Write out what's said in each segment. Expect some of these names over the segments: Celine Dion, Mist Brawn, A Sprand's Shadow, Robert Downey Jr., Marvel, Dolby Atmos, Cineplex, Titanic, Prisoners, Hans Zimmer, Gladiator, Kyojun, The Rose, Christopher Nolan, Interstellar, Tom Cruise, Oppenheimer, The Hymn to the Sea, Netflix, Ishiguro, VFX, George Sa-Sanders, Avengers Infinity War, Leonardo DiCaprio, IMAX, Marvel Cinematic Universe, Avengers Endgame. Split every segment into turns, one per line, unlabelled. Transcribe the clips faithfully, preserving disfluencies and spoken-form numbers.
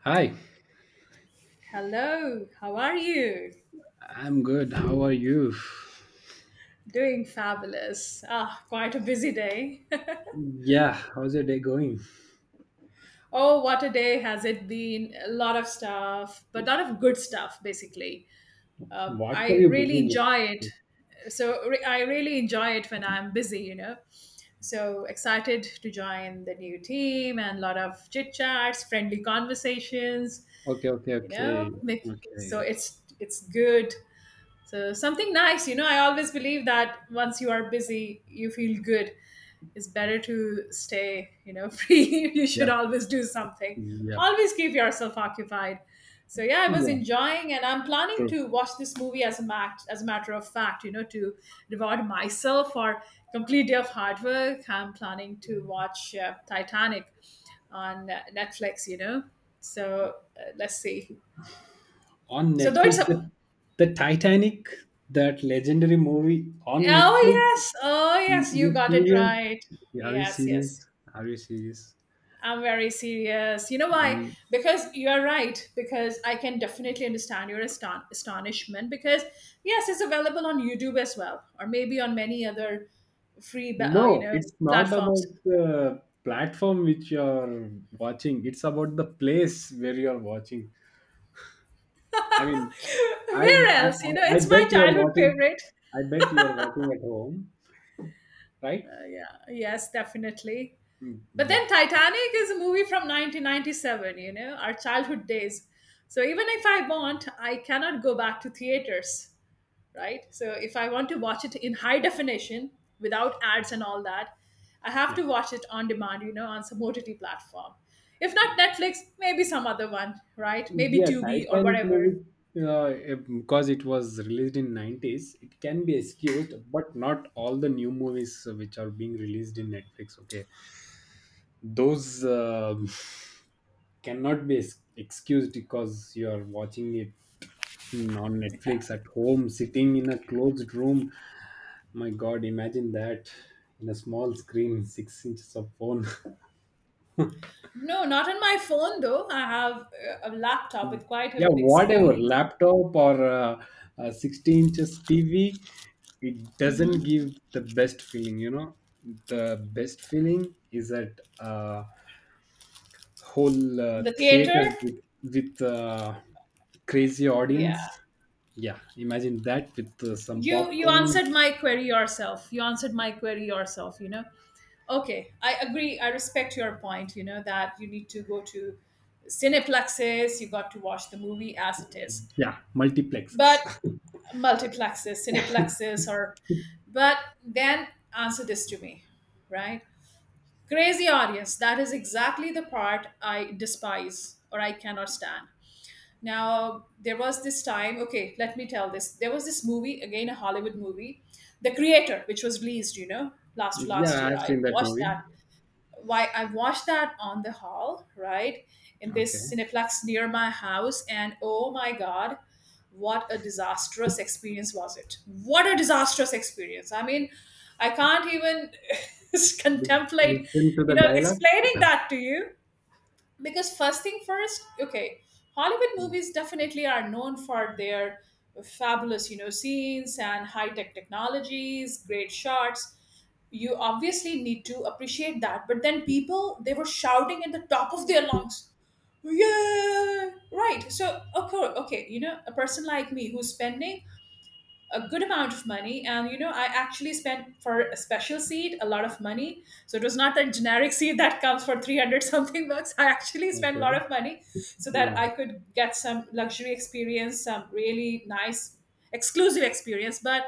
Hi,
Hello, how are you?
I'm good. How are you?
Doing fabulous. Ah, quite a busy day.
Yeah, how's your day going?
Oh, what a day has it been! A lot of stuff, but lot of good stuff, basically. Um,
What were
I
you
really
busy with?
enjoy it. So re- I really enjoy it when I'm busy, you know. So excited to join the new team and a lot of chit chats, friendly conversations,
Okay, okay,
you
okay,
know. Make- So
okay.
it's it's good. So something nice, you know, I always believe that once you are busy, you feel good. It's better to stay, you know, free. You should
Yep,
always do something.
yep.
Always keep yourself occupied. So yeah, I was
Yeah,
enjoying and I'm planning
true.
to watch this movie as a mat- as a matter of fact, you know, to reward myself for complete day of hard work. I'm planning to watch uh, Titanic on uh, Netflix, you know. So uh, let's see.
On
So though it's
Netflix,
a
the the Titanic, that legendary movie on
Oh,
Netflix.
yes. Oh,
You
yes. You
you
got it
serious?
right.
Are you
Yes, yes.
serious? Are you serious?
I'm very serious. You know why?
Mm.
Because you are right. Because I can definitely understand your aston- astonishment. Because, yes, it's available on YouTube as well, or maybe on many other free, ba- uh, you
No,
know,
it's not
platforms.
about the platform which you're watching. It's about the place where you're watching. I mean, I,
Where
I
else? You know,
I I
it's
bet
my
you are
childhood
watching.
favorite.
I bet you are watching at home, right?
Uh, yeah. Yes, definitely.
Mm.
But then
Yeah,
Titanic is a movie from nineteen ninety-seven, you know, our childhood days. So even if I want, I cannot go back to theaters, right? So if I want to watch it in high definition without ads and all that, I have
yeah.
to watch it on demand, you know, on some O T T platform. If not Netflix, maybe some other one, right? Maybe
Yeah,
Tubi or
Titanic
whatever.
movie, uh, it- because it was released in nineties, it can be excused, but not all the new movies which are being released in Netflix. Okay, those uh, cannot be ex- excused because you are watching it in- on Netflix at home, sitting in a closed room. My God, imagine that in a small screen, six inches of phone.
No, not on my phone though. I have uh, a laptop with quite a
Yeah,
big
whatever,
screen.
laptop or uh, uh, sixty inches T V, it doesn't give the best feeling, you know. The best feeling is at uh, whole uh,
In the theater,
theater with, with uh, crazy
yeah.
audience. Yeah, imagine that with uh, some
you you
popcorn.
answered my query yourself. You answered my query yourself, you know. Okay, I agree. I respect your point, you know, that you need to go to cineplexes. You got to watch the movie as it is.
Yeah,
But
multiplexes.
multiplexes, cineplexes, or but then, answer this to me, right? Crazy audience, that is exactly the part I despise, or I cannot stand now. There was this time, okay, let me tell this. There was this movie, again, a Hollywood movie, The Creator, which was released, you know, last
Yeah,
last year.
I've
I
seen that
watched
movie.
that. Why I watched that on the hall, right? In this
Okay.
Cineplex near my house, and oh my God, what a disastrous experience was it. What a disastrous experience. I mean, I can't even
Lis-
contemplate,
listen to
you
the
know,
dialogue.
explaining that to you. Because first thing first, okay, Hollywood
Mm.
movies definitely are known for their fabulous, you know, scenes and high tech technologies, great shots. You obviously need to appreciate that. But then, people, they were shouting at the top of their lungs, yeah, right. So okay, okay, you know, a person like me who's spending a good amount of money, and you know, I actually spent for a special seat a lot of money. So it was not the generic seat that comes for three hundred something bucks. I actually spent a
Okay.
lot of money so that I
Oh,
could get some luxury experience, some really nice exclusive experience. But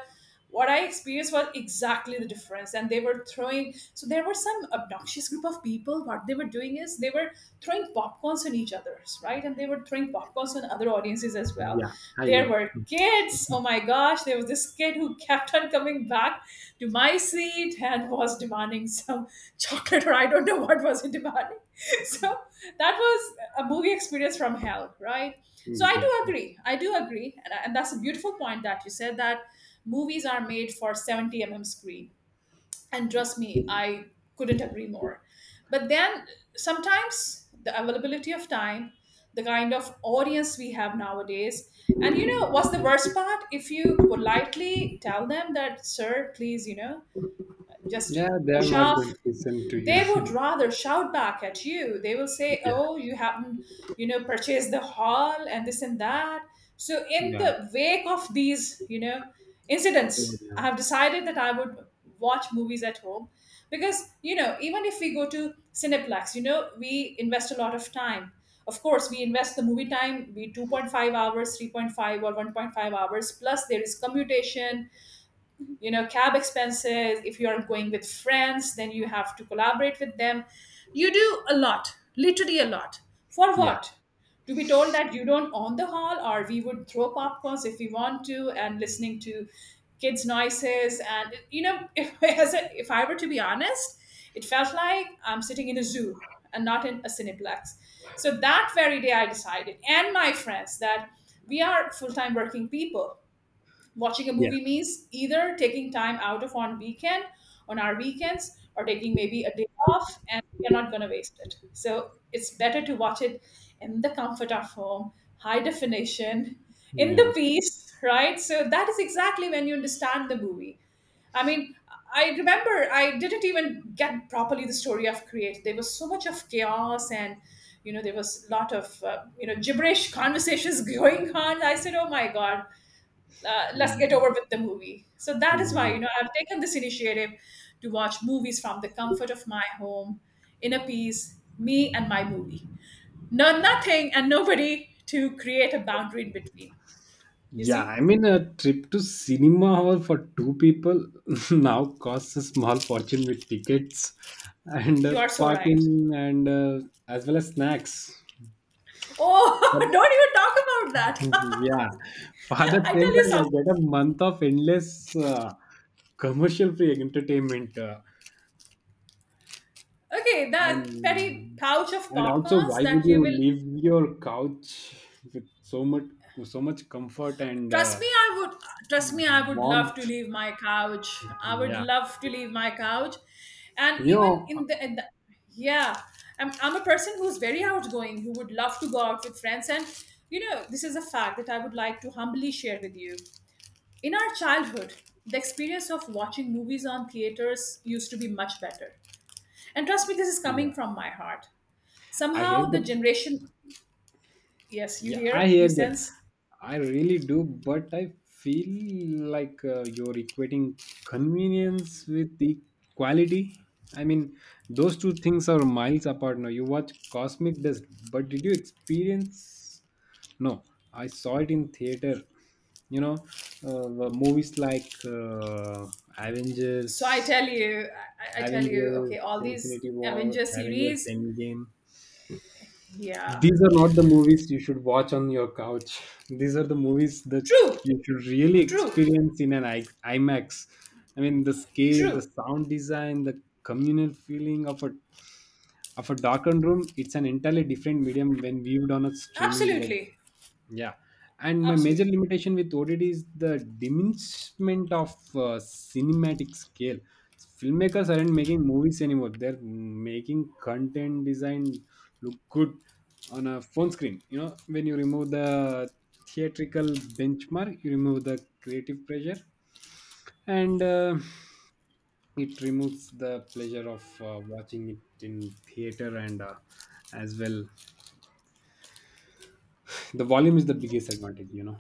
what I experienced was exactly the difference. And they were throwing, so there were some obnoxious group of people. What they were doing is they were throwing popcorns on each other's, right? And they were throwing popcorns on other audiences as well.
yeah, I
There
know.
were kids. Oh my gosh, there was this kid who kept on coming back to my seat and was demanding some chocolate, or I don't know what was he demanding. So that was a movie experience from hell, right? So
Mm,
I
yeah.
do agree. I do agree. And, and that's a beautiful point that you said, that movies are made for seventy millimeter screen, and trust me, I couldn't agree more. But then sometimes the availability of time, the kind of audience we have nowadays, and you know what's the worst part? If you politely tell them that, sir, please, you know, just
Yeah, they are
hush
not
off,
going to listen to you.
they would rather shout back at you. They will say,
Yeah,
oh, you haven't, you know, purchased the hall and this and that. So in
yeah,
the wake of these, you know,
they would.
incidents, I have decided that I would watch movies at home. Because you know, even if we go to cineplex, you know, we invest a lot of time. Of course, we invest the movie time, be two point five hours, three point five, or one point five hours, plus there is commutation, you know, cab expenses. If you are going with friends, then you have to collaborate with them. You do a lot, literally a lot. For
Yeah,
what? To be told that you don't own the hall, or we would throw popcorns if we want to, and listening to kids noises, and you know, if, as a, if I were to be honest, it felt like I'm sitting in a zoo and not in a cineplex. So that very day I decided, and my friends, that we are full-time working people. Watching a
yeah,
movie means either taking time out of on weekend, on our weekends, or taking maybe a day off. And we're not going to waste it. So it's better to watch it in the comfort of home, high definition, in the
yeah.
peace, right? So that is exactly when you understand the movie. I mean, I remember I didn't even get properly the story of Create. There was so much of chaos, and you know, there was a lot of uh, you know, gibberish conversations going on. I said, oh my God, uh, let's
Mm,
get over with the movie. So that is why, you
yeah.
know, I've taken this initiative to watch movies from the comfort of my home, in a peace, me and my movie. No, nothing and nobody to create a boundary in between. You
Yeah,
see,
I mean, a trip to cinema hall for two people now costs a small fortune with tickets and uh,
you are so right.
parking and uh, as well as snacks. But
Oh, don't even talk about that.
yeah, for that
I
same
tell you
price, I
something.
get a month of endless uh, commercial-free entertainment. Uh,
Okay, that petty
and
pouch of
and also,
popcorns
why would
that you
you
will.
leave your couch with so much so much comfort and
Trust
uh,
me, I would. Trust me, I would love to
warmth?
leave my couch. I would
Yeah,
love to leave my couch, and
you
even
know,
in the, in the yeah, I'm I'm a person who's very outgoing, who would love to go out with friends. And you know, this is a fact that I would like to humbly share with you. In our childhood, the experience of watching movies on theaters used to be much better, and trust me, this is coming
yeah.
from my heart.
I hear
Somehow, the
the
generation. Yes, you
Yeah, I
hear, you
hear that.
sense.
I really do, but I feel like uh, you're equating convenience with the quality. I mean, those two things are miles apart now. You watch Cosmic Dust, but did you experience? No, I saw it in theater. You know, uh, uh, movies like uh,
So I
Avengers,
tell you, I, I tell you,
Avengers
okay, all these
Infinity War,
Avenger
Avengers
series,
Endgame.
yeah,
These are not the movies you should watch on your couch. These are the movies that
true,
you should really
true,
experience in an I- IMAX. I mean, the scale,
true,
the sound design, the communal feeling of a of a darkened room. It's an entirely different medium when viewed on a streaming device.
absolutely,
Yeah. And my major
absolutely.
limitation with O D D is the diminishment of uh, cinematic scale. Filmmakers aren't making movies anymore. They're making content design look good on a phone screen. You know, when you remove the theatrical benchmark, you remove the creative pressure, and uh, it removes the pleasure of uh, watching it in theater and uh, as well. The volume is the biggest advantage, you know.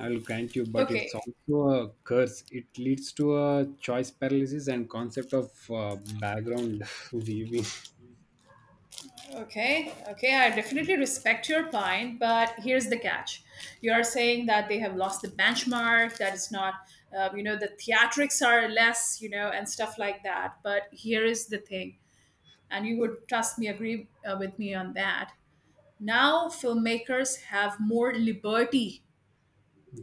I'll grant you, but
Okay,
it's also a curse. It leads to a choice paralysis and concept of uh, background viewing.
okay, okay. I definitely respect your point, but here's the catch: you are saying that they have lost the benchmark, that it's not, uh, you know, the theatrics are less, you know, and stuff like that. But here is the thing, and you would, trust me, agree uh, with me on that. Now, filmmakers have more liberty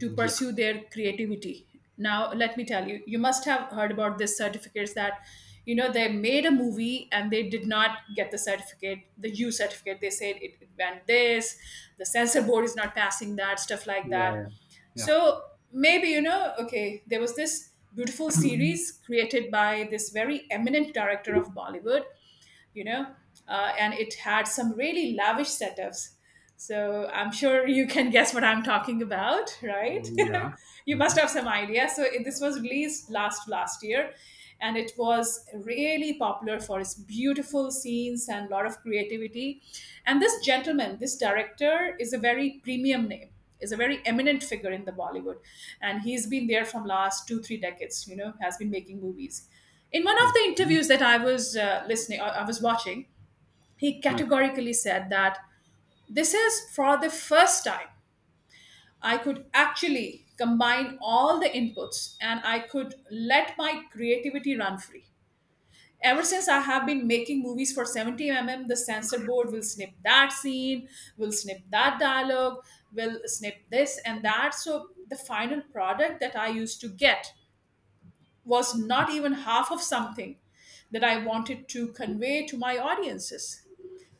to pursue their creativity. Now, let me tell you, you must have heard about this certificates that, you know, they made a movie and they did not get the certificate, the U certificate. They said it, it went this, the censor board is not passing that, stuff like
yeah,
that.
yeah, yeah,
So maybe, you know, okay, there was this beautiful series created by this very eminent director of Bollywood, you know, uh, and it had some really lavish setups. So I'm sure you can guess what I'm talking about, right?
yeah.
You must
Mhm.
have some idea. So it, this was released last last year, and it was really popular for its beautiful scenes and a lot of creativity. And this gentleman, this director, is a very premium name, is a very eminent figure in the Bollywood, and he's been there from last two three decades. You know, has been making movies. In one of the
Okay,
interviews that I was uh, listening, I I was watching, he
okay,
categorically said that this is for the first time I could actually combine all the inputs, and I could let my creativity run free. Ever since I have been making movies for seventy millimeter, the censor board will snip that scene, will snip that dialogue, will snip this and that. So the final product that I used to get was not even half of something that I wanted to convey to my audiences.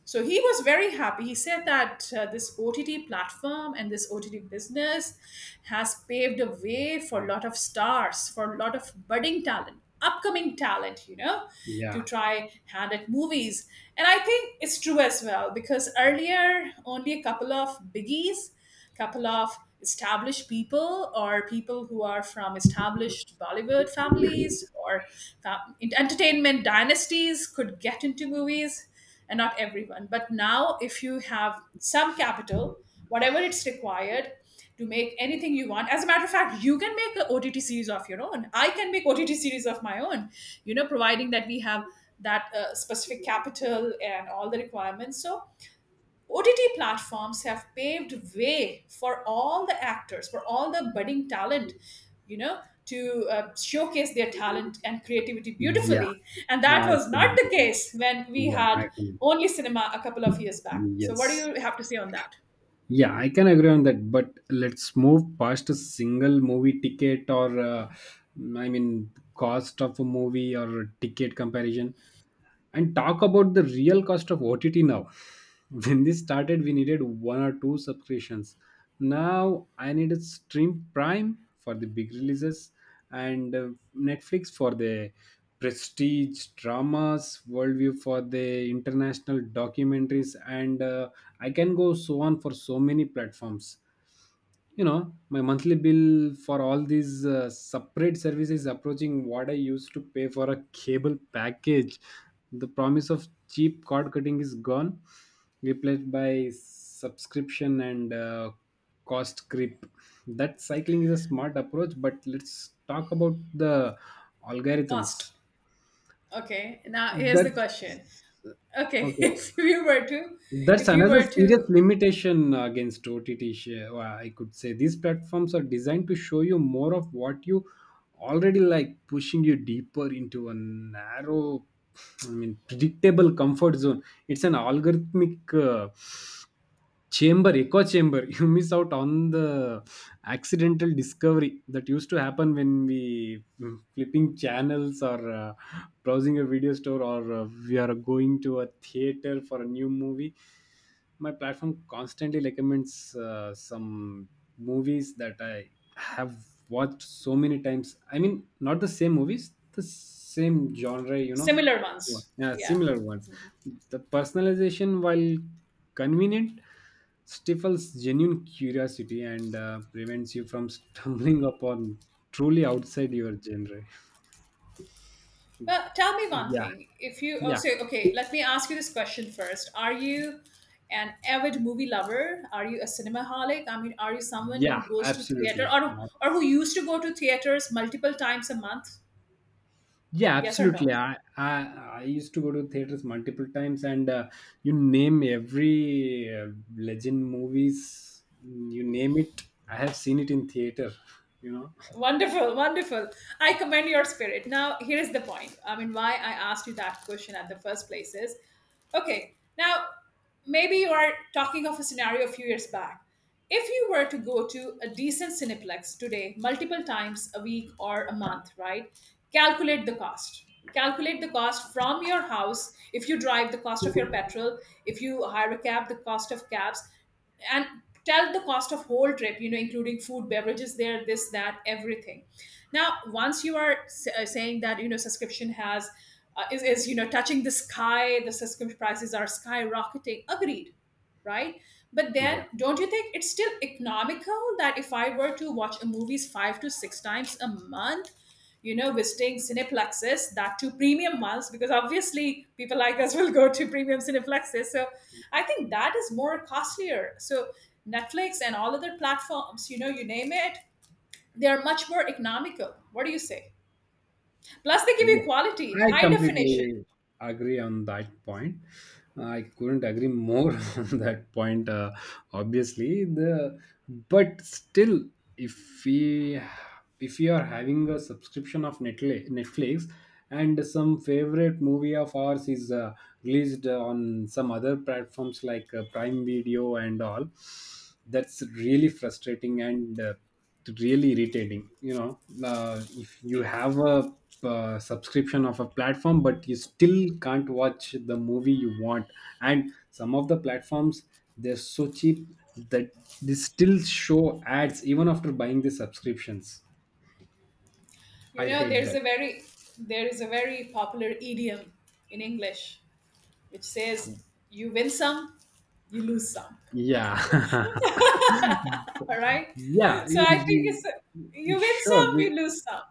So he was very happy. He said that uh, this O T T platform and this O T T business has paved a way for a lot of stars, for a lot of budding talent, upcoming talent, you know, to
yeah,
try hand at movies. And I think it's true as well, because earlier only a couple of biggies, couple of established people, or people who are from established Bollywood families, or fa- entertainment dynasties could get into movies, and not everyone. But now, if you have some capital, whatever it's required to make anything you want, as a matter of fact, you can make an O T T series of your own. I can make O T T series of my own, you know, providing that we have that uh, specific capital and all the requirements. So O T T platforms have paved way for all the actors, for all the budding talent, you know, to uh, showcase their talent and creativity
yeah.
beautifully. And that
I
was
can
not the
agree.
case when we
Yeah, I
had
can.
only cinema a couple of years back. So, what do
Yes.
you have to say on that?
Yeah, I can agree on that. But let's move past a single movie ticket or, uh, I mean, cost of a movie or ticket comparison, and talk about the real cost of OTT now. When this started, we needed one or two subscriptions. Now I need a Stream Prime for the big releases and uh, Netflix for the prestige dramas, Worldview for the international documentaries, and uh, I can go so on for so many platforms. You know, my monthly bill for all these uh, separate services approaching what I used to pay for a cable package. The promise of cheap cord cutting is gone, replaced by subscription and uh, cost creep. That cycling is a smart approach, but let's talk about the
First,
algorithms.
okay. Now, here's the
That's
question. Okay,
okay.
if you were to,
That's
if you
another
were
serious
to,
limitation against O T T. sh- uh, I could say these platforms are designed to show you more of what you already like, pushing you deeper into a narrow, I mean, predictable comfort zone. It's an algorithmic. Uh, chamber Echo chamber. You miss out on the accidental discovery that used to happen when we mm, flipping channels or uh, browsing a video store or uh, we are going to a theater for a new movie. My platform constantly recommends uh, some movies that I have watched so many times. I mean, not the same movies, the same genre, you know.
similar
One-
ones,
yeah,
yeah.
similar ones. The personalization while convenient stifles genuine curiosity and uh, prevents you from stumbling upon truly outside your genre.
Well, tell me one
Yeah,
thing. If you, Oh,
yeah,
so, okay, let me ask you this question first. Are you an avid movie lover? Are you a cinemaholic? I mean, are you someone who
yeah,
goes to theater
absolutely.
or or who used to go to theaters multiple times a month?
Yeah,
Yes or no?
absolutely. I, I i used to go to theaters multiple times and uh, you name every uh, legend movies. You name it, I have seen it in theater, you know.
Wonderful, wonderful. I commend your spirit. Now, here is the point. I mean, why I asked you that question at the first place is okay, now maybe you are talking of a scenario a few years back. If you were to go to a decent Cineplex today, multiple times a week or a month, right? Calculate the cost. Calculate the cost from your house. If you drive, the cost of your petrol. If you hire a cab, the cost of cabs, and tell the cost of whole trip, you know including food, beverages, there, this, that, everything. Now, once you are s- uh, saying that you know subscription has uh, is, is you know touching the sky, the subscription prices are skyrocketing. Agreed, right? But
Yeah.
then don't you think it's still economical that if I were to watch a movies five to six times a month, you know, visiting cineplexes, that too premium ones, because obviously people like us will go to premium cineplexes. So I think that is more costlier. So Netflix and all other platforms, you know, you name it, they are much more economical. What do you say? Plus, they give you
Yeah,
quality,
I
high definition.
completely agree on that point. I couldn't agree more on that point. Uh, obviously, the but still, if we if you are having a subscription of Netflix, Netflix and some favorite movie of ours is uh, released on some other platforms like uh, Prime Video and all, that's really frustrating and. Uh, really irritating, you know. Uh, if you have a uh, subscription of a platform but you still can't watch the movie you want, and some of the platforms, they're so cheap that they still show ads even after buying the subscriptions.
You
I
know,
hate
there's
that.
a very there is a very popular idiom in English which says you win some, you lose some.
Yeah.
All right.
Yeah,
So I
you-
think it's
you-
you win
sure.
some, you
we-
lose some.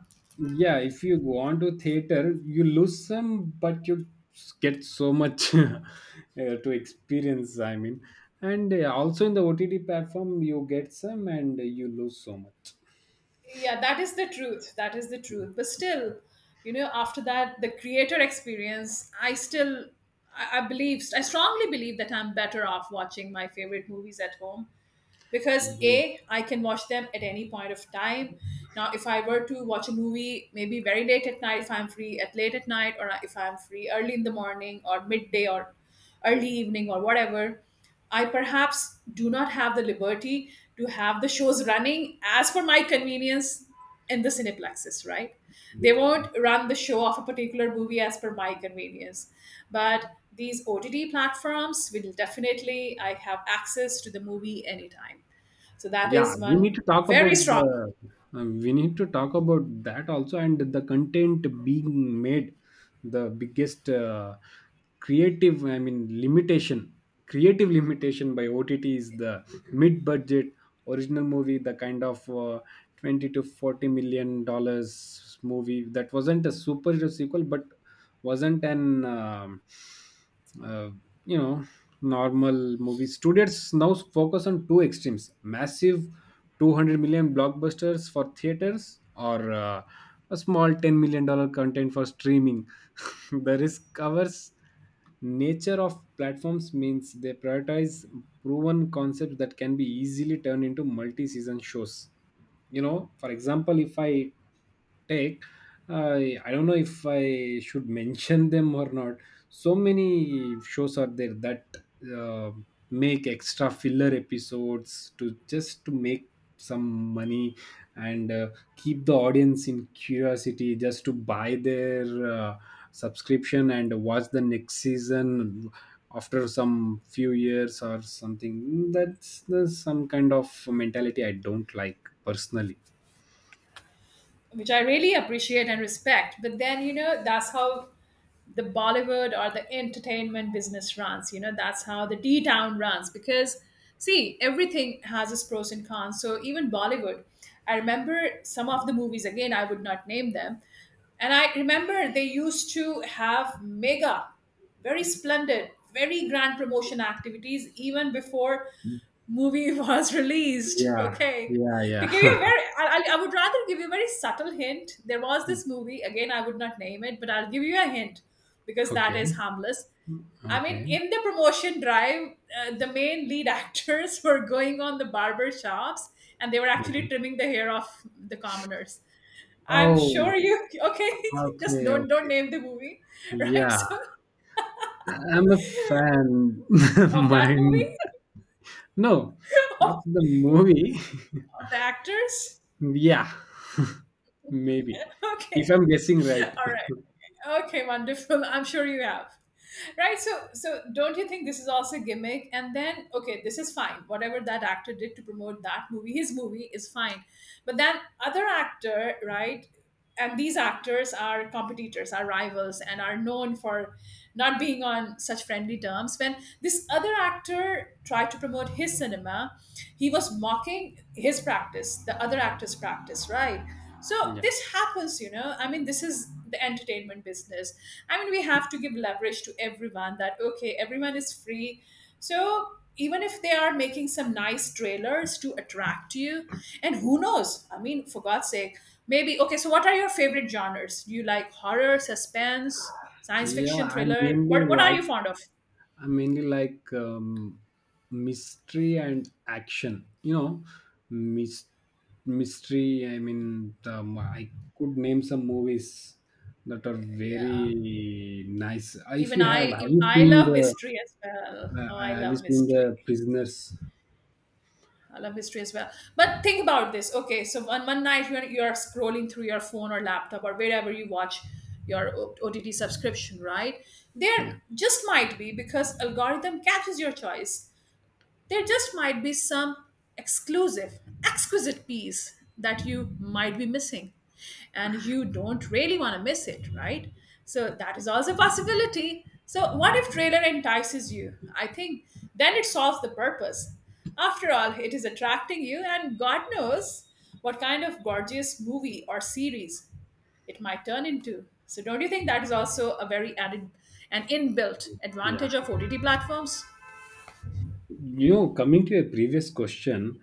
Yeah, if you go on to theater you lose some, but you s- get so much uh, to experience, I mean. And uh, also in the OTT platform you get some and you lose so much.
Yeah, that is the truth. That is the truth, but still, you know after that, the creator experience, I still I, I believe I strongly believe that I'm better off watching my favorite movies at home, because a I can watch them at any point of time. Now, if I were to watch a movie, maybe very late at night, if I'm free at late at night, or if I'm free early in the morning, or midday, or early evening, or whatever, I perhaps do not have the liberty to have the shows running as per my convenience in the cineplexes, right? They won't
Mhm.
run the show of a particular movie as per my convenience. But these O T T platforms will definitely, I have access to the movie anytime. So that
Yeah,
is
we need
one
to talk
very
about
strong,
the uh, we need to talk about that also, and the content being made. The biggest uh, creative, I mean, limitation, creative limitation by OTT is the mid budget original movie, the kind of uh, twenty to forty million dollars movie that wasn't a superhero sequel but wasn't an um, uh, you know normal movies. Students now focus on two extremes, massive two hundred million blockbusters for theaters or uh, a small ten million dollar content for streaming. The risk covers nature of platforms means they prioritize proven concepts that can be easily turned into multi-season shows. You know, for example, if I take, uh, I don't know if I should mention them or not. So many shows are there that uh, make extra filler episodes to just to make some money and uh, keep the audience in curiosity just to buy their uh, subscription and watch the next season after some few years or something. That's, that's some kind of mentality I don't like, personally.
which I really appreciate and respect. But then, you know, that's how the Bollywood or the entertainment business runs. You know, that's how the D town runs, because see, everything has its pros and cons. So even Bollywood, I remember some of the movies, again, I would not name them. And I remember they used to have mega, very splendid, very grand promotion activities even before movie was released.
Yeah,
Okay.
yeah,
To
yeah.
give you a very, I, I I would rather give you a very subtle hint. There was this movie, again, I would not name it, but I'll give you a hint because that
Okay,
is harmless. I mean,
okay,
in the promotion drive, uh, the main lead actors were going on the barber shops and they were actually
okay.
trimming the hair of the commoners. I'm sure
Oh,
you, okay, just
okay,
don't don't
okay,
name the movie, right?
yeah.
So,
I'm a fan.
of that
Mine.
movie,
No, not
of,
the movie.
of the actors,
Yeah, maybe. If
okay.
I'm guessing right.
All right. Okay, wonderful. I'm sure you have. Right, so so don't you think this is also a gimmick? And then okay, this is fine. Whatever that actor did to promote that movie, his movie is fine. But then other actor, right? And these actors are competitors, are rivals, and are known for not being on such friendly terms. When this other actor tried to promote his cinema, he was mocking his practice, the other actor's practice, right? So
Yeah.
this happens, you know. I mean, this is the entertainment business. I mean, we have to give leverage to everyone that, okay, everyone is free. So even if they are making some nice trailers to attract you, and who knows? I mean, for God's sake, maybe. Okay, so what are your favorite genres? Do you like horror, suspense, science
Yeah,
fiction,
I
thriller?
mainly
What, what are
like
you fond of?
I mainly like um, mystery and action. You know, mys- mystery. I mean, um, I could name some movies that are
Yeah.
very nice. If
Even
you have,
I,
have you
I
seen
love
the
mystery as well.
uh,
Oh, I
have you
love
seen
mystery.
the Prisoners?
I love history as well. But think about this. Okay, so one, one night you're you are scrolling through your phone or laptop or wherever you watch your O- OTT subscription, right? There
Yeah.
just might be, because algorithm catches your choice, there just might be some exclusive, exquisite piece that you might be missing. And you don't really want to miss it, right? So that is also a possibility. So what if trailer entices you? I think then it solves the purpose. After all, it is attracting you, and God knows what kind of gorgeous movie or series it might turn into. So don't you think that is also a very added an inbuilt
Yeah.
advantage of O T T platforms?
You know, coming to a previous question,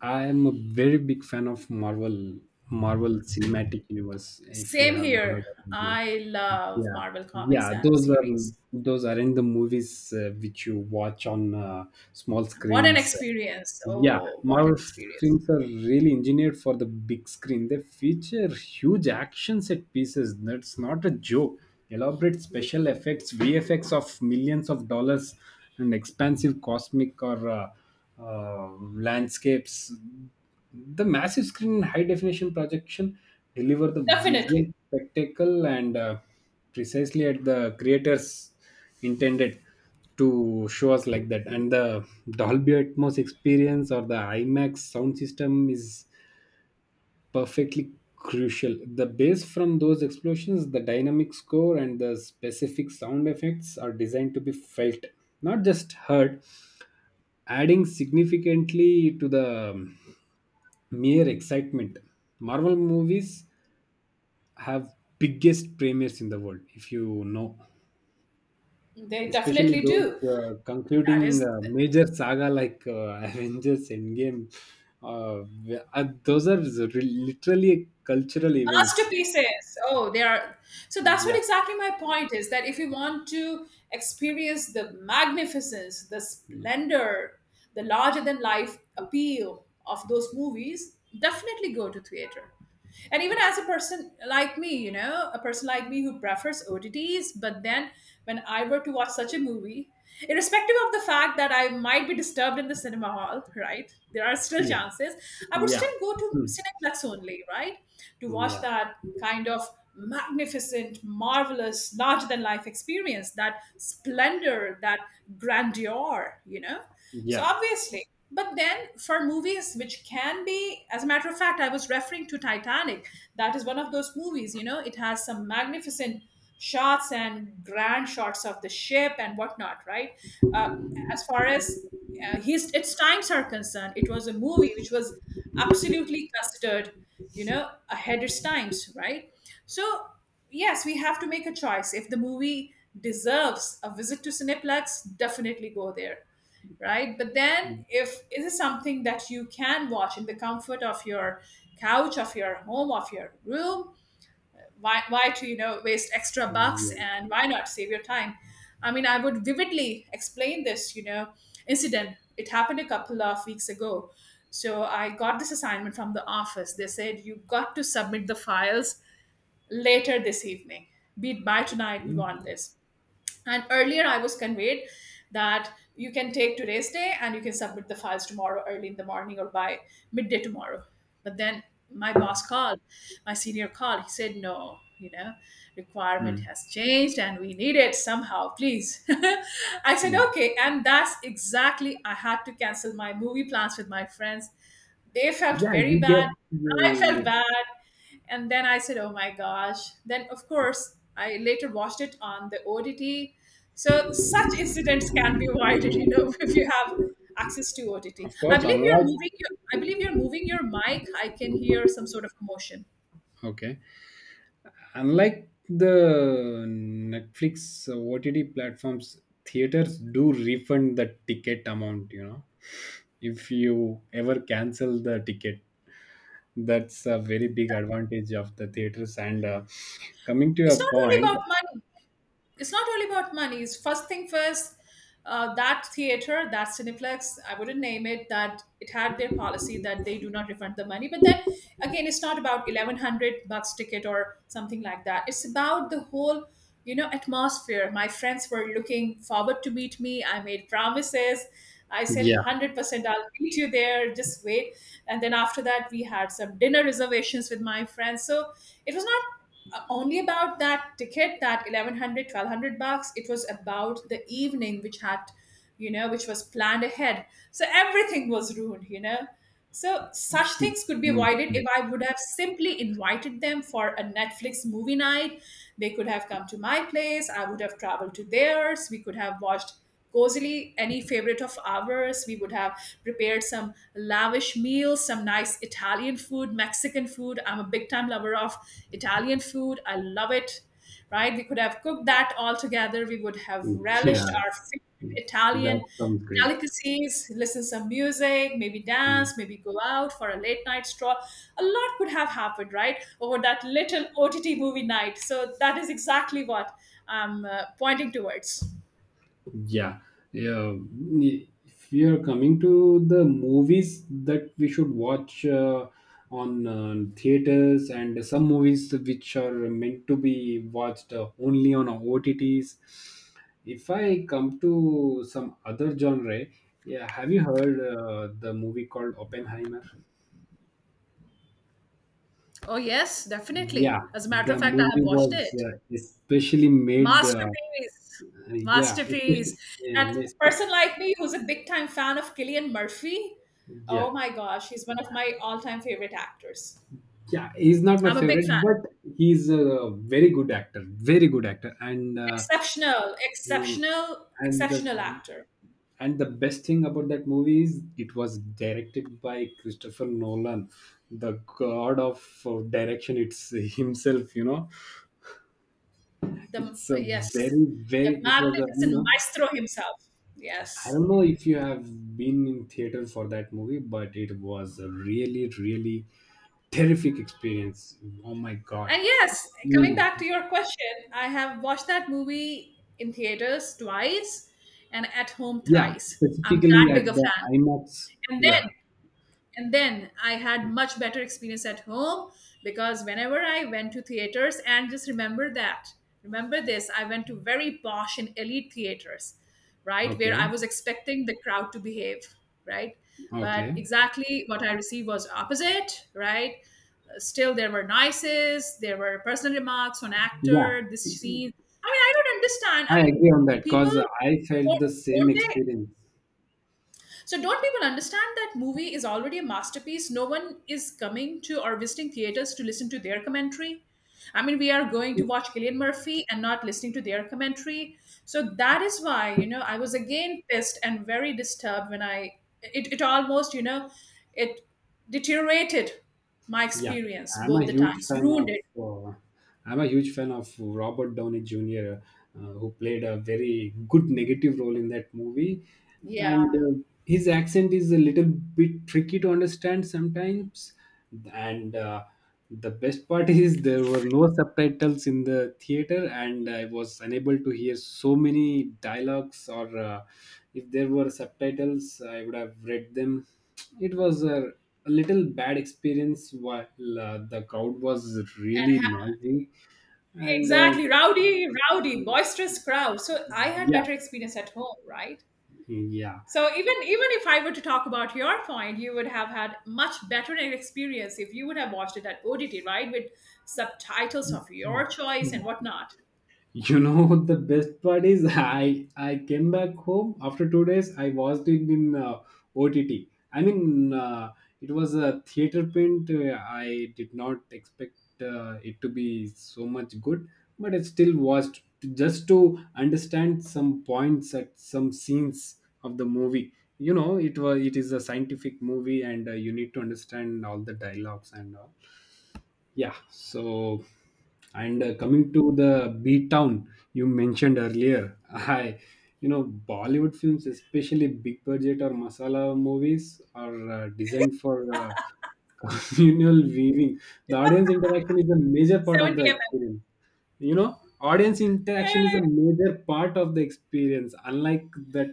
I am a very big fan of Marvel, Marvel Cinematic Universe, if you
Same
have
here.
heard of them.
I love
Yeah,
Marvel comics
yeah.
and
Those are
series.
those aren't the movies uh, which you watch on uh, small
What an
screens.
experience.
Yeah,
Oh, what an
Marvel
experience.
films are really engineered for the big screen. They feature huge action set pieces. That's not a joke. Elaborate special effects, V F X of millions of dollars, and expansive cosmic or uh, uh, landscapes. The massive screen and high definition projection deliver the visual
Definitely.
spectacle and uh, precisely at the creators intended to show us like that. And the Dolby Atmos experience or the IMAX sound system is perfectly crucial. The bass from those explosions, the dynamic score, and the specific sound effects are designed to be felt, not just heard, adding significantly to the um, mere excitement. Marvel movies have biggest premieres in the world, if you know,
They
especially
definitely
those
do.
uh,
That
concluding
is
uh, major saga like uh, Avengers Endgame. Uh, wh- uh, those are re- literally cultural events.
masterpieces. Oh, they are. So that's what
Yeah,
exactly my point is, that if you want to experience the magnificence, the splendor, the larger than life appeal of those movies, definitely go to theater. And even as a person like me, you know a person like me who prefers OTTs, but then when I were to watch such a movie, irrespective of the fact that I might be disturbed in the cinema hall, right? There are still
yeah,
chances. I would
yeah.
still go to
Hmm.
Cineplex only, right? To watch
Yeah,
that kind of magnificent, marvelous, larger than life experience, that splendor, that grandeur, you know? So
yeah,
obviously, but then for movies which can be, as a matter of fact, I was referring to Titanic. That is one of those movies, you know, it has some magnificent shots and grand shots of the ship and whatnot, right? Uh, as far as uh, his its times are concerned, it was a movie which was absolutely considered, you know, ahead its times, right? So yes, we have to make a choice. If the movie deserves a visit to Cineplex, definitely go there, right? But then, if it is something that you can watch in the comfort of your couch, of your home, of your room, why, why to you know waste extra bucks,
yeah.
and why not save your time? I mean, I would vividly explain this, you know, incident. It happened a couple of weeks ago. So I got this assignment from the office. They said you got to submit the files later this evening. Be it by tonight, we want this. And earlier, I was conveyed that you can take today's day and you can submit the files tomorrow early in the morning or by midday tomorrow. But then my boss called, my senior called. He said, no, you know, requirement
Hmm.
has changed and we need it somehow, please. I said,
Hmm.
okay. And that's exactly, I had to cancel my movie plans with my friends. They felt
Yeah, you
very
get
bad. I felt
you.
bad, and then I said, oh my gosh. Then of course I later watched it on the OTT. So such incidents can be avoided, you know if you have access to OTT.
Of
I
course,
believe you're
unlike
moving your I believe you're moving your mic. I can hear some sort of motion.
okay. Unlike the Netflix uh, OTT platforms, theaters do refund the ticket amount, you know, if you ever cancel the ticket. That's a very big advantage of the theaters. And uh, coming to
It's
your
not only
point,
about money. It's not only about money. It's first thing first. Uh, that theater, that Cineplex, I wouldn't name it. That it had their policy that they do not refund the money. But then again, it's not about eleven hundred bucks ticket or something like that. It's about the whole, you know, atmosphere. My friends were looking forward to meet me. I made promises. I said
yeah.
hundred percent, I'll meet you there. Just wait. And then after that, we had some dinner reservations with my friends. So it was not uh, only about that ticket, that eleven hundred, twelve hundred bucks. It was about the evening which had, you know, which was planned ahead, so everything was ruined you know So such things could be
Mm,
avoided
yeah.
if I would have simply invited them for a Netflix movie night. They could have come to my place, I would have traveled to theirs, we could have watched cozily any favorite of ours. We would have prepared some lavish meals, some nice Italian food, Mexican food. I'm a big time lover of Italian food, I love it, right? We could have cooked that all together, we would have
Mm,
relished
yeah,
our favorite
that
Italian
sounds great.
delicacies, listen some music, maybe dance,
Mm.
maybe go out for a late night stroll. A lot could have happened, right, over that little OTT movie night. So that is exactly what I'm uh, pointing towards.
Yeah. Yeah. If we are coming to the movies that we should watch uh, on uh, theaters and some movies which are meant to be watched uh, only on O T Ts. If I come to some other genre, yeah, have you heard uh, the movie called Oppenheimer?
Oh, yes, definitely.
Yeah,
As a matter of
the
fact, I have
movie
watched
was
it.
uh, especially made. Uh,
Masterpiece.
yeah,
Masterpiece.
especially, yeah,
And a
mes-
person like me who's a big time fan of Killian Murphy, oh
yeah.
my gosh, he's one of my all time favorite actors.
Yeah, he's not my
I'm a big fan.
favorite, but he's a very good actor, very good actor, and uh,
Exceptional,
mm,
exceptional,
and
exceptional
the
actor.
and the best thing about that movie is it was directed by Christopher Nolan, the god of uh, direction. It's himself, you know.
The
It's a
yes,
very
the
very. It was a you
magnificent
know.
maestro himself.
I
Yes.
don't know if you have been in theater for that movie, but it was a really really terrific experience. Oh my god!
And yes, coming back to
Mm,
your question, I have watched that movie in theaters twice and at home
yeah,
thrice. I'm
specifically
that big a
at the
fan.
IMAX.
And
Yeah.
then and then I had much better experience at home, because whenever I went to theaters and just remember that remember this I went to very posh and elite theaters, right, where I
Okay.
was expecting the crowd to behave, right? But
Okay.
exactly what I received was opposite, right? Still there were noises, there were personal remarks on actor,
Yeah,
this scene. I mean, I don't understand, I
I agree
mean,
on that
people
because I felt
don't,
the same
don't they
experience.
so don't people understand that movie is already a masterpiece? No one is coming to or visiting theaters to listen to their commentary. I mean, we are going to watch Killian Murphy and not listening to their commentary. So that is why, you know, I was again pissed and very disturbed when I it, it almost, you know, it deteriorated my
Yeah.
experience
I'm a
both the
huge
times,
fan
ruined
of
it.
uh, I'm a huge fan of Robert Downey Junior, uh, who played a very good negative role in that movie.
Yeah,
And uh, his accent is a little bit tricky to understand sometimes and uh, the best part is there were no subtitles in the theater and I was unable to hear so many dialogues or uh, if there were subtitles I would have read them. it was a, a little bad experience while uh, the crowd was really noisy and uh,
exactly. Rowdy, rowdy, boisterous crowd. So I had
yeah,
better experience at home, right?
yeah.
So even even if I were to talk about your point, you would have had much better an experience if you would have watched it at O T T, right, with subtitles of your choice and whatnot.
You know, the best part is I I came back home after two days. I watched it in uh, O T T. I mean, uh, it was a theater print. uh, I did not expect uh, it to be so much good, but I still watched just to understand some points at some scenes of the movie. You know, it was it is a scientific movie, and uh, you need to understand all the dialogues and all. Yeah, so and uh, coming to the beat town you mentioned earlier, I, you know, Bollywood films, especially big budget or masala movies, are uh, designed for uh, communal viewing. The audience interaction is a major part
Seventy
of the
mm.
experience. You know, audience interaction is a
Eh,
major part of the experience, unlike that.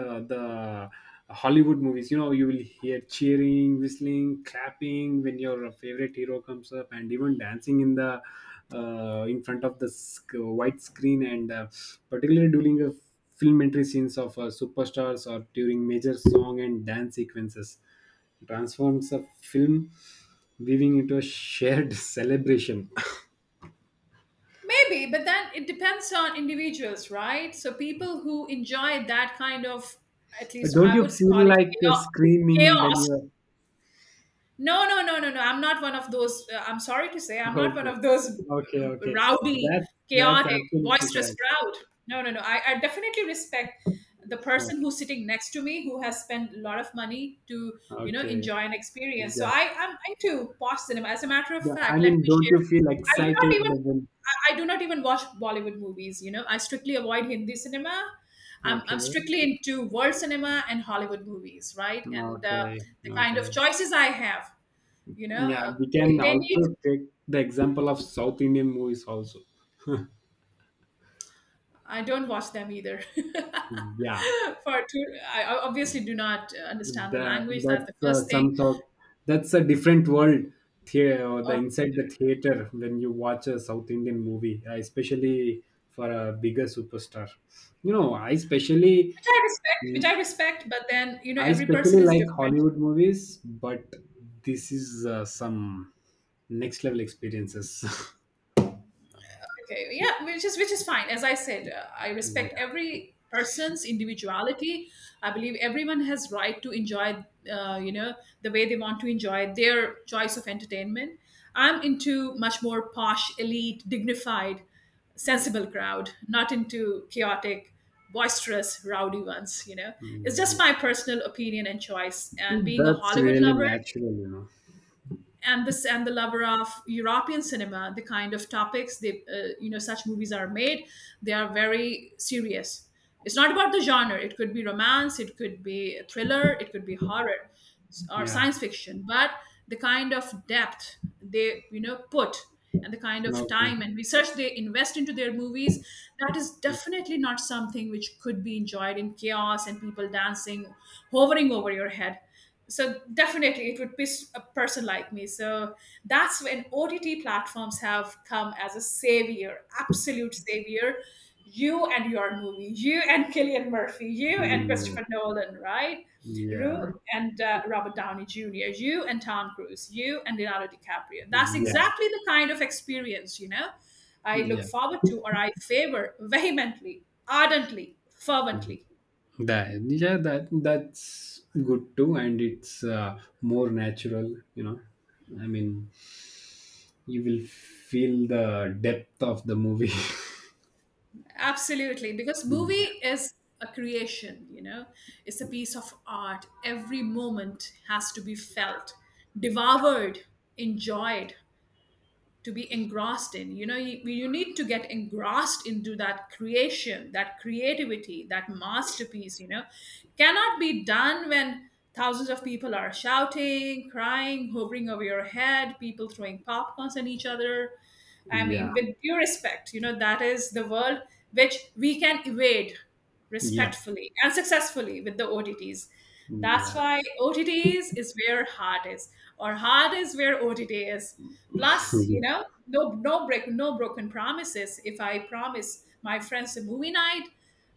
uh, The hollywood movies, you know, you will hear cheering, whistling, clapping when your favorite hero comes up, and even dancing in the uh, in front of the sc- white screen, and uh, particularly during the filmmentary scenes of uh, superstars or during major song and dance sequences. It transforms a film, weaving into a shared celebration.
maybe, but then it depends on individuals, right? So people who enjoy that kind of, at least
Don't
I
you
would call
feel
it
like uh,
chaos.
screaming when
Chaos.
you're
No, no, no, no, no. I'm not one of those. Uh, I'm sorry to say, I'm not one
okay?
of those
Okay,
uh,
okay.
rowdy,
That that's
chaotic,
absolutely
boisterous
correct.
crowd. No, no, no. I, I definitely respect the person
Okay,
who's sitting next to me, who has spent a lot of money to, you know,
okay.
enjoy an experience. So
Yeah.
I I'm into post cinema. As a matter of
The- I
fact, let
mean,
me
don't
share.
you feel
I do not
excited?
even
But then,
I I do not even watch Bollywood movies. You know, I strictly avoid Hindi cinema. I'm, I'm
okay,
strictly into world cinema and Hollywood movies, right? And uh,
okay,
the kind
okay.
of choices I have, you know,
Yeah,
uh,
we can
they, they need.
also take the example of South Indian movies also.
I don't watch them either.
Yeah.
For two, I I obviously do not uh, understand the
The,
language. That's the
that's
first
uh,
thing,
some sort. That's a different world. The, or the
or,
inside
which
the theater when you watch a South Indian movie, uh, especially for a bigger superstar. You know, I especially,
I respect.
I
Which I respect, but then, you know, every person
especially
is
like
different.
Hollywood movies, but this is uh, some next level experiences.
Okay, yeah, which is which is fine. As I said, uh, I respect
Yeah,
every person's individuality. I believe everyone has right to enjoy, uh, you know, the way they want to enjoy their choice of entertainment. I'm into much more posh, elite, dignified, sensible crowd, not into chaotic, boisterous, rowdy ones, you know. It's
mm,
just my
yeah.
personal opinion and choice, and being a
That's
Hollywood
really
lover,
natural, you know.
and this and the lover of European cinema, the kind of topics they, uh, you know, such movies are made. They are very serious. It's not about the genre. It could be romance, it could be thriller, it could be horror s- or
Yeah.
science fiction. But the kind of depth they, you know, put, and the kind of
Okay.
time and research they invest into their movies, that is definitely not something which could be enjoyed in chaos and people dancing, hovering over your head. So definitely it would piss a person like me. So that's when OTT platforms have come as a savior, absolute savior. You and your movie, you and Killian Murphy, you and
Mm,
Christopher Nolan, right? You
yeah.
and uh, Robert Downey Junior, you and Tom Cruise, you and Leonardo DiCaprio. That's
Yeah. Yeah.
exactly the kind of experience, you know, I look
Yeah.
forward to, or I favor vehemently, ardently, fervently.
That yeah, that that's good too, and it's uh, more natural. You know, I mean, you will feel the depth of the movie.
Absolutely, because
Yeah,
movie is a creation, you know, it's a piece of art. Every moment has to be felt, devoured, enjoyed, to be engrossed in. You know, you, you need to get engrossed into that creation, that creativity, that masterpiece. You know, cannot be done when thousands of people are shouting, crying, hovering over your head, people throwing popcorns at each other. I mean,
yeah,
with due respect, you know, that is the world which we can evade
yeah,
respectfully and successfully with the OTTs. That's why O T Ts is where heart is, or heart is where O T T is. Plus, you know,
yeah,
no no break, no broken promises. If I promise my friends a movie night,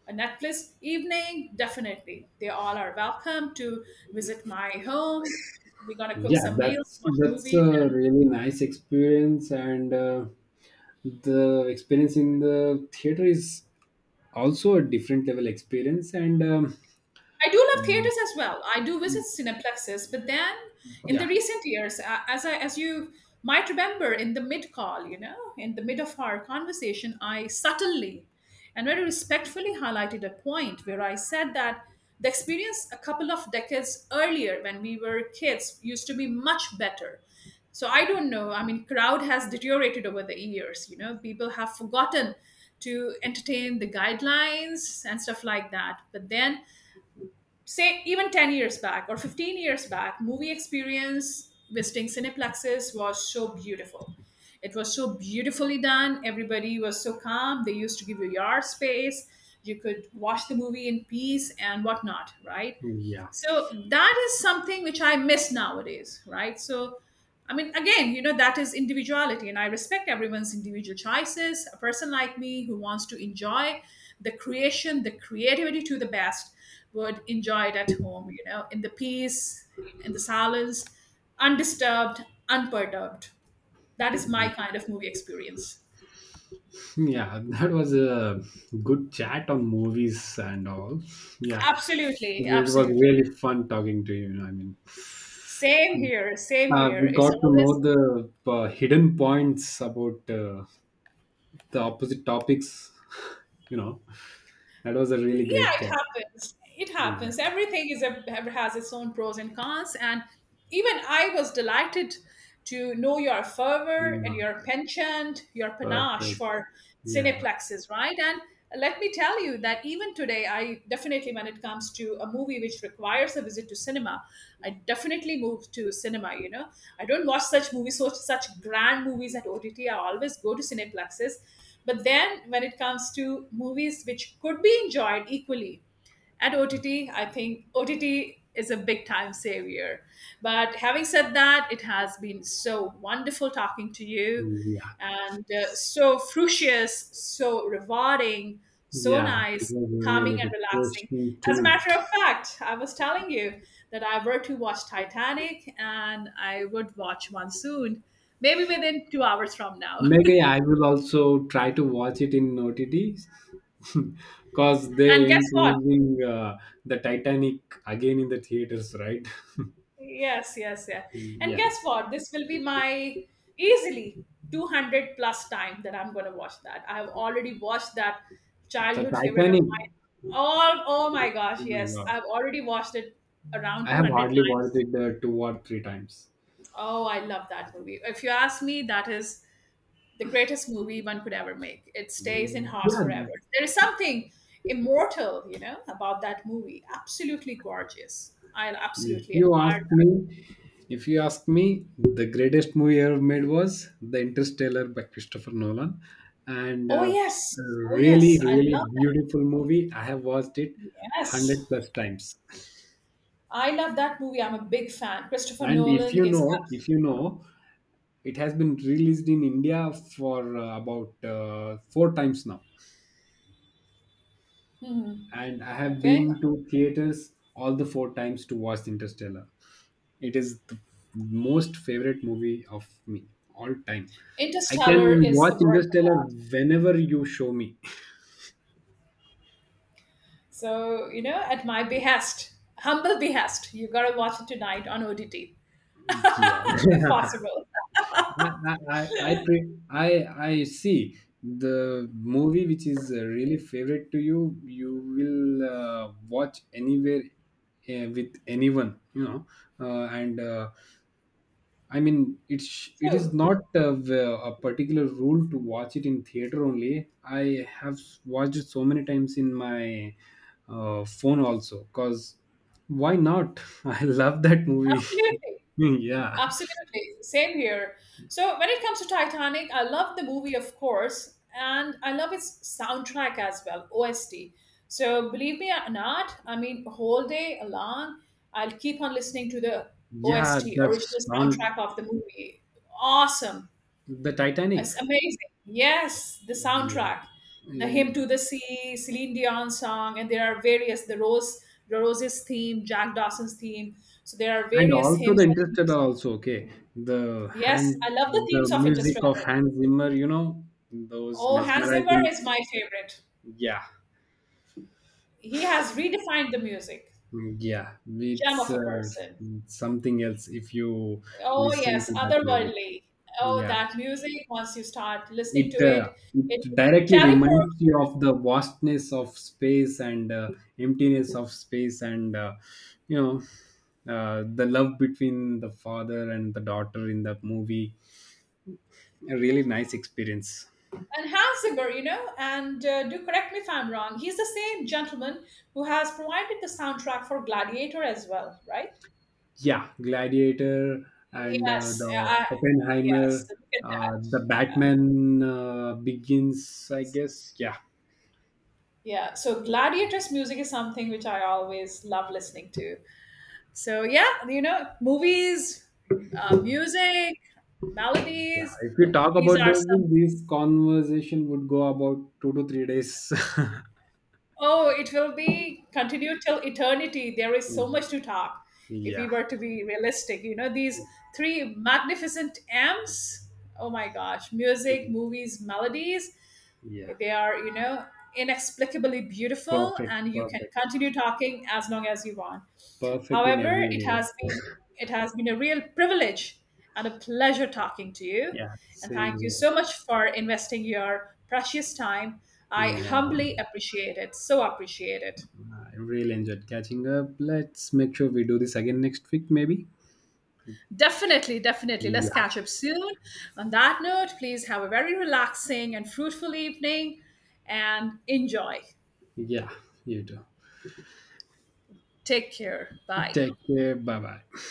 a Netflix evening, definitely they all are welcome to visit my home. We're gonna cook
yeah.
some meals,
That's
watch
that's
movies.
a really nice experience, and uh, the experience in the theater is also a different level experience, and um,
I do love theaters as well. I do visit cineplexes, but then in the
yeah,
recent years, a- as I as you might remember in the mid call, you know, in the mid of our conversation, I subtly and very respectfully highlighted a point where I said that the experience a couple of decades earlier when we were kids used to be much better. So I don't know. I mean, crowd has deteriorated over the years. You know, people have forgotten to entertain the guidelines and stuff like that. But then, say even ten years back or fifteen years back, movie experience visiting cineplexes was so beautiful. It was so beautifully done, everybody was so calm, they used to give you yard space, you could watch the movie in peace and whatnot, right?
yeah.
So that is something which I miss nowadays, right? So I mean, again, you know, that is individuality, and I respect everyone's individual choices. A person like me who wants to enjoy the creation, the creativity, to the best, would enjoy it at home, you know, in the peace, in the silence, undisturbed, unperturbed. That is my kind of movie experience.
Yeah, that was a good chat on movies and all. Yeah,
Absolutely,
it was
absolutely.
really fun talking to you. I mean,
same here same
uh,
here
we
It's
got to know
always,
the uh, hidden points about uh, the opposite topics. You know, that was a really
yeah,
great
it
chat.
happens, it
Yeah,
happens. Everything is a has its own pros and cons, and even I was delighted to know your fervor and
yeah,
your penchant, your panache
perfect.
for
Yeah,
cineplexes, right? And let me tell you that even today, I definitely, when it comes to a movie which requires a visit to cinema, I definitely move to cinema, you know. I don't watch such movies, such, such grand movies at OTT. I always go to cineplexes. But then when it comes to movies which could be enjoyed equally at O T T, I think O T T is a big time savior. But having said that, it has been so wonderful talking to you,
yeah,
and uh, so frucious, so rewarding, so
yeah. It
nice,
was
calming
really
and
good,
relaxing.
refreshing
As a
too.
matter of fact, I was telling you that I were to watch Titanic, and I would watch one soon, maybe within two hours from now.
Maybe I will also try to watch it in O T T because
And
they
guess what?
improving uh, the Titanic again in the theaters, right?
Yes, yes, yeah. And
Yeah,
guess what? This will be my easily two hundred plus time that I'm going to watch that. I've already watched that
the
childhood favorite of
Titanic.
mine. Oh, oh my
Oh
gosh,
my
yes.
god,
I've already watched it around
I have
two hundred
hardly watched
times.
it uh, two or three times.
Oh, I love that movie. If you ask me, that is the greatest movie one could ever make. It stays in hearts
Yeah,
forever. There is something immortal, you know, about that movie. Absolutely gorgeous. I
if
absolutely
you
admire.
ask me, if you ask me, the greatest movie ever made was The Interstellar by Christopher Nolan, and
Oh
uh,
yes. Oh yes.
really,
I love
really beautiful movie. I have watched it
that. Yes.
hundred plus times.
I love that movie. I'm a big fan. Christopher
And if
Nolan
you
is
know, if you know, it has been released in India for uh, about uh, four times now.
absolutely.
And I
Mm-hmm.
have
Okay.
been to theaters all the four times to watch Interstellar. It is the most favorite movie of me all time. I
Interstellar
can
is
watch
a work of
Interstellar
art.
whenever you show me.
So, you know, at my behest, humble behest, you gotta watch it tonight on O D T, if
Yeah.
possible.
I I I I pre- I I see the movie which is uh, really favorite to you, you will uh, watch anywhere uh, with anyone, you know. Uh, and uh, I mean, it's it is
True.
not uh, v- a particular rule to watch it in theater only. I have s- watched it so many times in my uh, phone also. Cause why not? I love that movie.
Absolutely.
Yeah.
Absolutely. Same here. So when it comes to Titanic, I love the movie, of course, and I love its soundtrack as well, O S T. So believe me or not, I mean, whole day long, I'll keep on listening to the
Yeah,
O S T,
the
original
sound
soundtrack of the movie. Awesome.
The Titanic.
It's amazing. Yes, the
Yeah.
soundtrack. The
Eh,
Hymn to the Sea, Celine Dion song, and there are various, the Rose, the Rose's theme, Jack Dawson's theme. So there are
And
various
also the
hymns and
Interstellar
themes.
also, okay. The
Yes, I
hand
love the
the
themes of
music of
Interstellar.
Hans Zimmer, you know, those
Oh, Hans Zimmer
mesmerizing
is my favorite.
yeah.
He has redefined the music.
Mm, yeah.
Gem
It's
of a
uh,
person.
something else if you
Oh,
listen
yes,
to that music.
otherworldly. Oh,
Yeah.
that music, once you start listening to
it uh,
it, it
it
will
directly
teleport
reminds
you.
you of the vastness of space and uh, emptiness of space and uh, you know uh, the love between the father and the daughter in that movie, a really nice experience.
And Hans Zimmer, you know, and uh, do correct me if I'm wrong, he's the same gentleman who has provided the soundtrack for Gladiator as well, right?
Yeah, gladiator and uh,
Yes,
the
I, yes,
oppenheimer,
look at
uh,
that.
the
Yeah,
batman uh, begins, I
exactly.
guess. Yeah,
Yeah, so Gladiator's music is something which I always love listening to. So, yeah, you know, movies, uh, music,
yeah,
melodies,
if we talk
these
about
are
those
some.
things this conversation would go about two to three days.
Oh, it will be continued till eternity. There is so much
Mm,
to talk if we
yeah.
were to be realistic. You know, these three magnificent M's. Oh my gosh, music,
Mm,
movies, melodies.
yeah,
They are, you know, inexplicably beautiful,
perfect,
and you can
perfect,
continue talking as long as you want.
perfect in every
However, it has
universe.
been it has been a real privilege and a pleasure talking to you.
Yeah,
And thank
same
you
here.
so much for investing your precious time. I
Mm, yeah,
humbly appreciate it. So appreciate it.
I really enjoyed catching up. Let's make sure we do this again next week, maybe.
Definitely, definitely. Let's
Yeah,
catch up soon. On that note, please have a very relaxing and fruitful evening and enjoy.
yeah, you too.
Take care. Bye.
Take care. Bye bye.